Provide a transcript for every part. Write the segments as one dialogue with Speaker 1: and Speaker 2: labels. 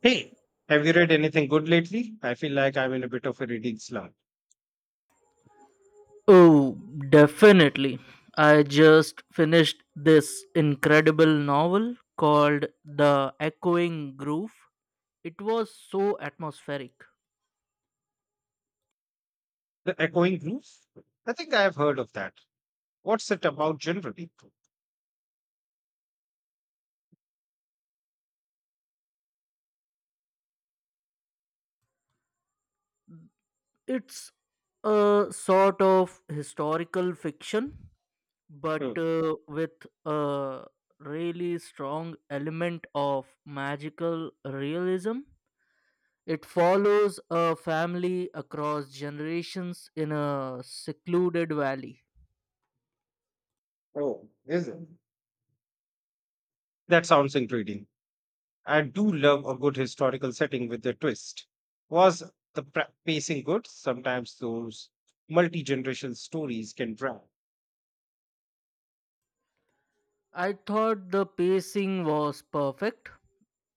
Speaker 1: Hey, have you read anything good lately? I feel like I'm in a bit of a reading slump.
Speaker 2: Oh, definitely. I just finished this incredible novel called The Echoing Groove. It was so atmospheric.
Speaker 1: The Echoing Groove? I think I have heard of that. What's it about generally?
Speaker 2: It's a sort of historical fiction, but
Speaker 1: Hmm.
Speaker 2: with a really strong element of magical realism. It follows a family across generations in a secluded valley.
Speaker 1: Oh, is it? That sounds intriguing. I do love a good historical setting with a twist. Was the pacing good? Sometimes those multi generation stories can drag.
Speaker 2: I thought the pacing was perfect.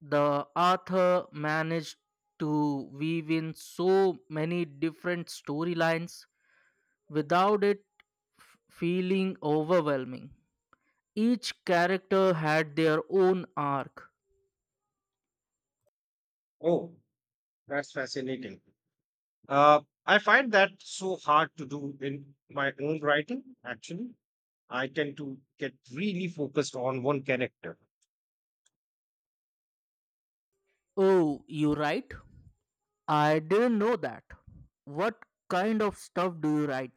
Speaker 2: The author managed to weave in so many different storylines without it feeling overwhelming. Each character had their own arc.
Speaker 1: Oh, that's fascinating. Uh, I find that so hard to do in my own writing, actually. I tend to get really focused on one character,
Speaker 2: Oh, you write? I didn't know that. What kind of stuff do you write?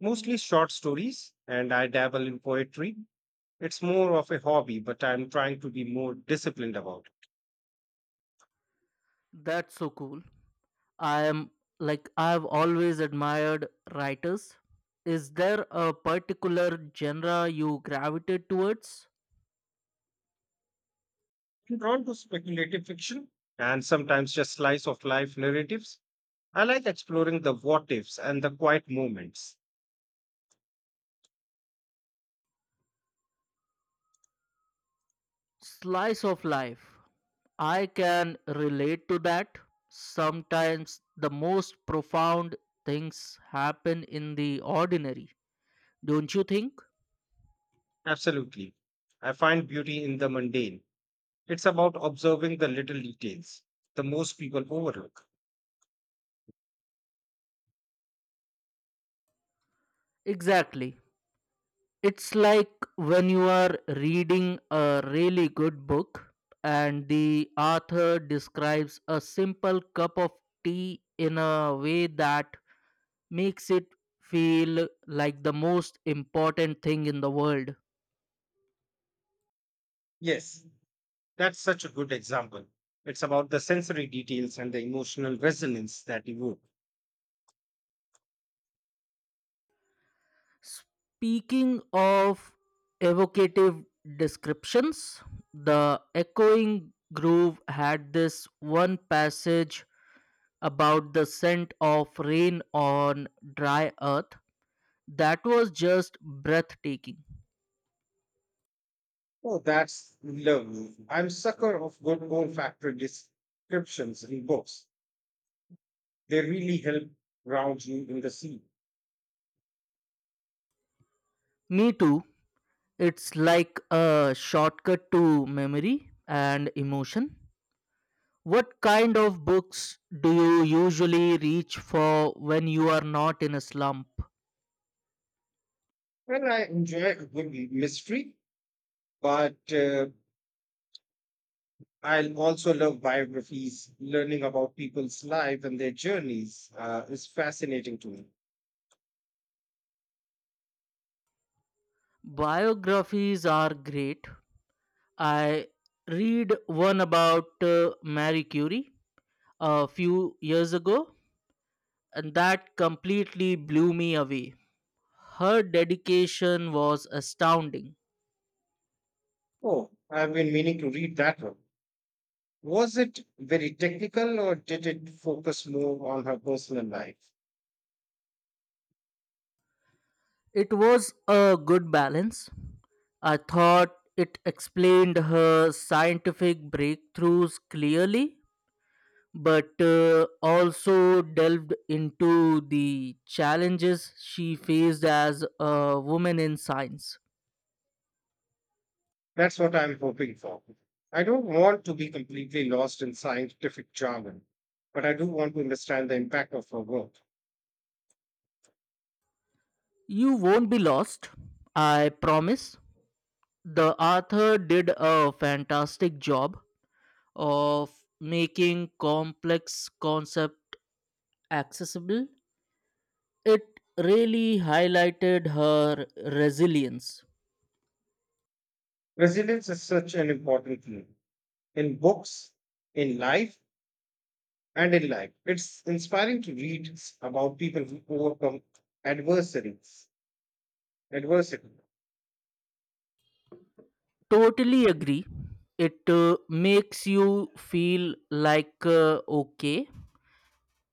Speaker 1: mostly short stories, and I dabble in poetry. It's more of a hobby, but I'm trying to be more disciplined about it.
Speaker 2: That's so cool. I am like I've always admired writers. Is there a particular genre you gravitate towards?
Speaker 1: I'm drawn to speculative fiction and sometimes just slice of life narratives. I like exploring the what ifs and the quiet moments.
Speaker 2: Slice of life. I can relate to that. Sometimes the most profound things happen in the ordinary, don't you think?
Speaker 1: Absolutely. I find beauty in the mundane. It's about observing the little details, the most people overlook.
Speaker 2: Exactly. It's like when you are reading a really good book and the author describes a simple cup of tea in a way that makes it feel like the most important thing in the world.
Speaker 1: Yes, that's such a good example. It's about the sensory details and the emotional resonance that evoke.
Speaker 2: Speaking of evocative descriptions, The Echoing Groove had this one passage about the scent of rain on dry earth that was just breathtaking.
Speaker 1: Oh, that's lovely. I'm sucker of good olfactory descriptions in books. They really help ground you in the sea.
Speaker 2: Me too. It's like a shortcut to memory and emotion. What kind of books do you usually reach for when you are not in a slump?
Speaker 1: Well, I enjoy a good mystery, but I also love biographies. Learning about people's lives and their journeys is fascinating to me.
Speaker 2: Biographies are great. I read one about Marie Curie a few years ago, and that completely blew me away. Her dedication was astounding.
Speaker 1: Oh, I've been meaning to read that one. Was it very technical or did it focus more on her personal life?
Speaker 2: It was a good balance. I thought it explained her scientific breakthroughs clearly, but also delved into the challenges she faced as a woman in science.
Speaker 1: That's what I'm hoping for. I don't want to be completely lost in scientific jargon, but I do want to understand the impact of her work.
Speaker 2: You won't be lost, I promise. The author did a fantastic job of making complex concept accessible. It really highlighted her resilience.
Speaker 1: Resilience is such an important thing in books, in life, and in life. It's inspiring to read about people who overcome adversaries. Adversity,
Speaker 2: Totally agree. It makes you feel like, okay,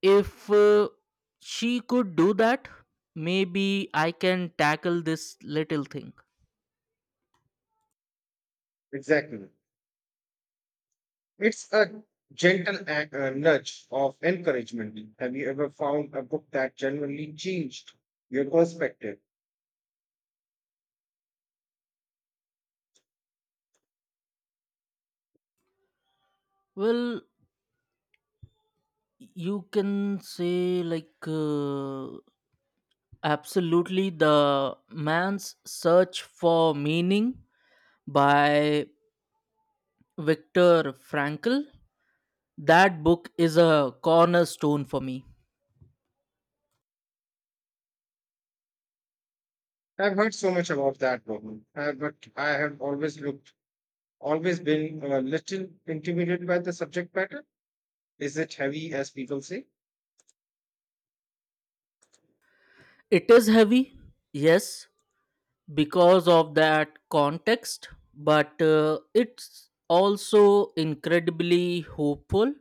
Speaker 2: if she could do that, maybe I can tackle this little thing.
Speaker 1: exactly. It's a gentle nudge of encouragement. Have you ever found a book that genuinely changed your perspective?
Speaker 2: Well, you can say, like, absolutely. The Man's Search for Meaning by Viktor Frankl. That book is a cornerstone for me.
Speaker 1: I've heard so much about that book, but I have always looked, always been a little intimidated by the subject matter. Is it heavy, as people say?
Speaker 2: It is heavy, yes, because of that context, but it's also incredibly hopeful.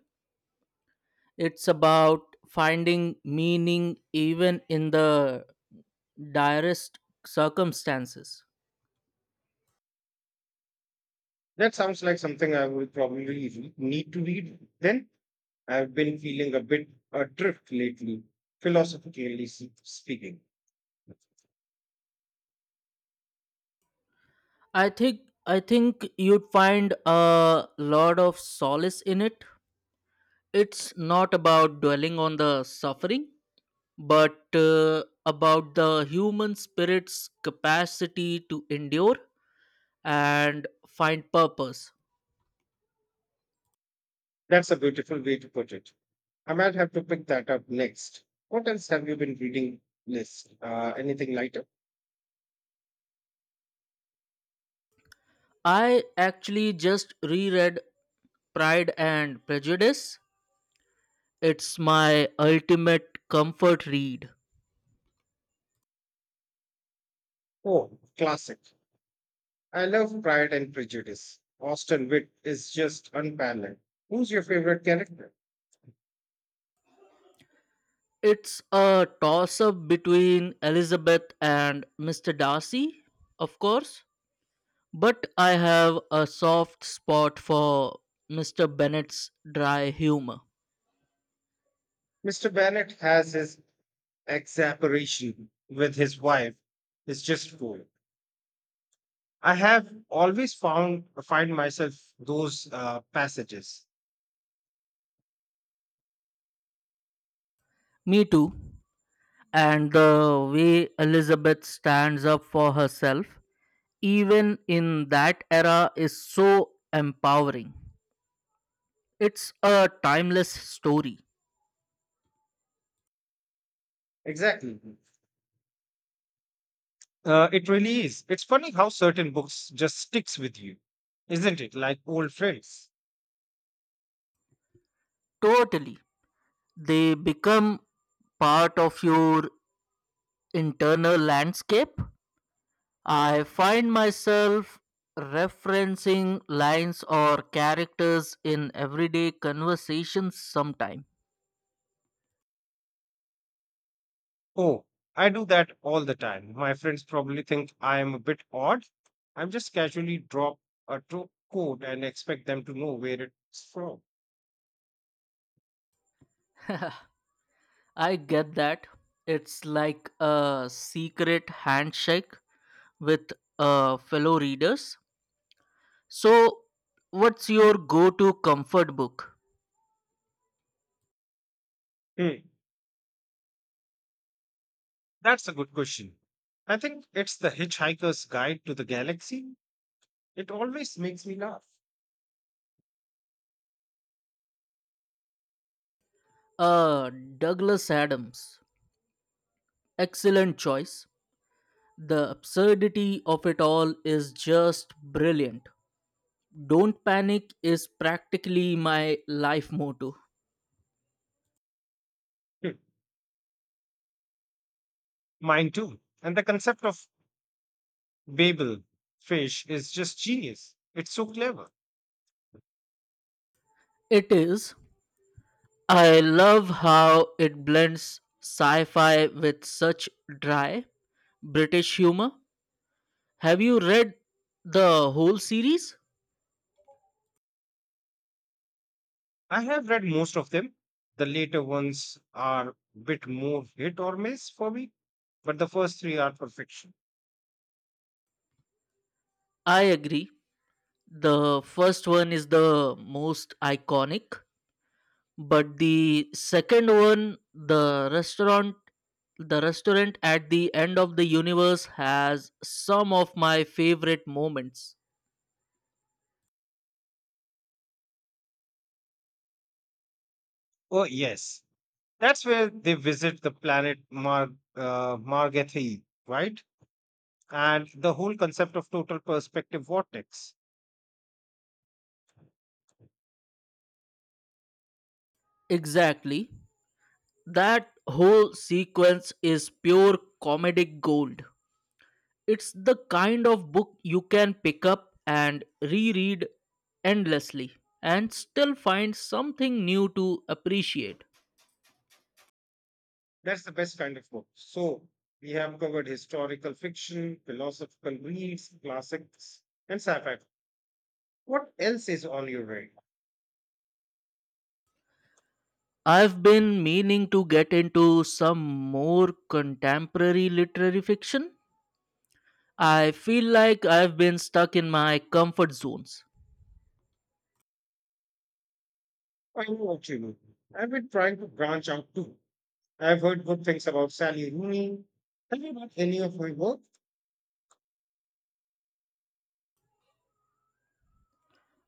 Speaker 2: It's about finding meaning even in the direst circumstances.
Speaker 1: That sounds like something I would probably need to read then. I've been feeling a bit adrift lately, philosophically speaking.
Speaker 2: I think you'd find a lot of solace in it. It's not about dwelling on the suffering, but about the human spirit's capacity to endure and find purpose.
Speaker 1: That's a beautiful way to put it. I might have to pick that up next. What else have you been reading, Liz? Anything lighter?
Speaker 2: I actually just reread Pride and Prejudice. It's my ultimate comfort read.
Speaker 1: Oh, classic. I love Pride and Prejudice. Austin Witt is just unparalleled. Who's your favorite character?
Speaker 2: It's a toss up between Elizabeth and Mr. Darcy, of course, but I have a soft spot for Mr. Bennet's dry humor.
Speaker 1: Mr. Bennett has his exasperation with his wife. It's just cool. I have always found find myself those passages.
Speaker 2: Me too. And the way Elizabeth stands up for herself, even in that era, is so empowering. It's a timeless story.
Speaker 1: Exactly. It really is. It's funny how certain books just sticks with you, isn't it? Like old friends.
Speaker 2: Totally. They become part of your internal landscape. I find myself referencing lines or characters in everyday conversations sometime.
Speaker 1: Oh, I do that all the time. My friends probably think I am a bit odd. I'm just casually drop a quote and expect them to know where it's from.
Speaker 2: I get that. It's like a secret handshake with fellow readers. So, what's your go to comfort book?
Speaker 1: Hmm. That's a good question. I think it's The Hitchhiker's Guide to the Galaxy. It always makes me laugh.
Speaker 2: Uh, Douglas Adams. Excellent choice. The absurdity of it all is just brilliant. Don't panic is practically my life motto.
Speaker 1: Hmm, mine too. And the concept of Babel fish is just genius. It's so clever.
Speaker 2: It is. I love how it blends sci fi with such dry British humor. Have you read the whole series?
Speaker 1: I have read most of them. The later ones are a bit more hit or miss for me, but the first three are perfection.
Speaker 2: I agree. The first one is the most iconic, but the second one, the restaurant at the end of the universe has some of my favorite moments.
Speaker 1: Oh, yes. That's where they visit the planet Margathy, right? And the whole concept of total perspective vortex.
Speaker 2: Exactly. That whole sequence is pure comedic gold. It's the kind of book you can pick up and reread endlessly and still find something new to appreciate.
Speaker 1: That's the best kind of book. So we have covered historical fiction, philosophical reads, classics, and sci-fi. What else is on your radar?
Speaker 2: I've been meaning to get into some more contemporary literary fiction. I feel like I've been stuck in my comfort zones.
Speaker 1: I know what you mean. I've been trying to branch out too. I've heard good things about Sally Rooney. Have you read any of her work?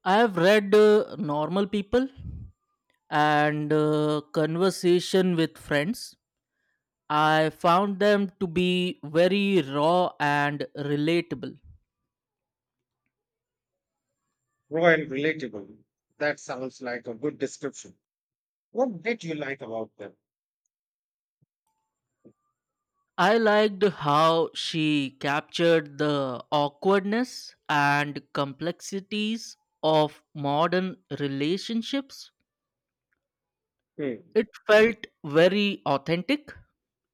Speaker 2: I've read Normal People and Conversation with Friends. I found them to be very raw and relatable.
Speaker 1: Raw and relatable. That sounds like a good description. What did you like about them?
Speaker 2: I liked how she captured the awkwardness and complexities of modern relationships.
Speaker 1: Hmm,
Speaker 2: It felt very authentic,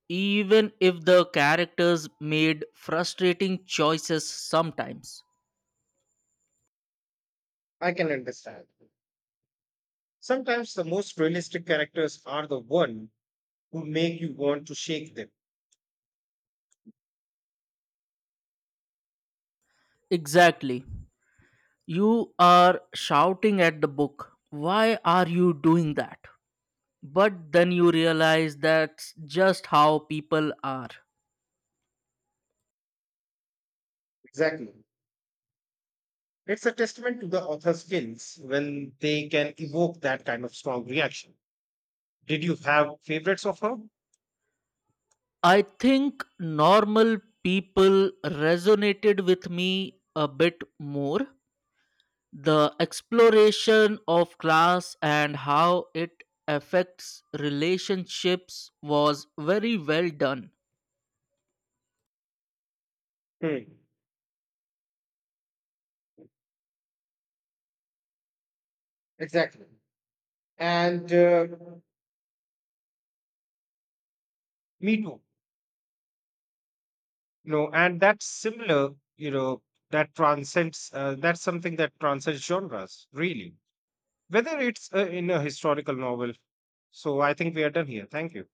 Speaker 2: even if the characters made frustrating choices sometimes.
Speaker 1: I can understand. Sometimes the most realistic characters are the one who make you want to shake them.
Speaker 2: Exactly. You are shouting at the book, why are you doing that? But then you realize that's just how people are.
Speaker 1: Exactly. It's a testament to the author's skills when they can evoke that kind of strong reaction. Did you have favorites of her?
Speaker 2: I think Normal People resonated with me a bit more. The exploration of class and how it affects relationships was very well done.
Speaker 1: Hmm, exactly. And me too. No, and that's similar, you know, that that's something that transcends genres, really. Whether it's in a historical novel. So I think we are done here. Thank you.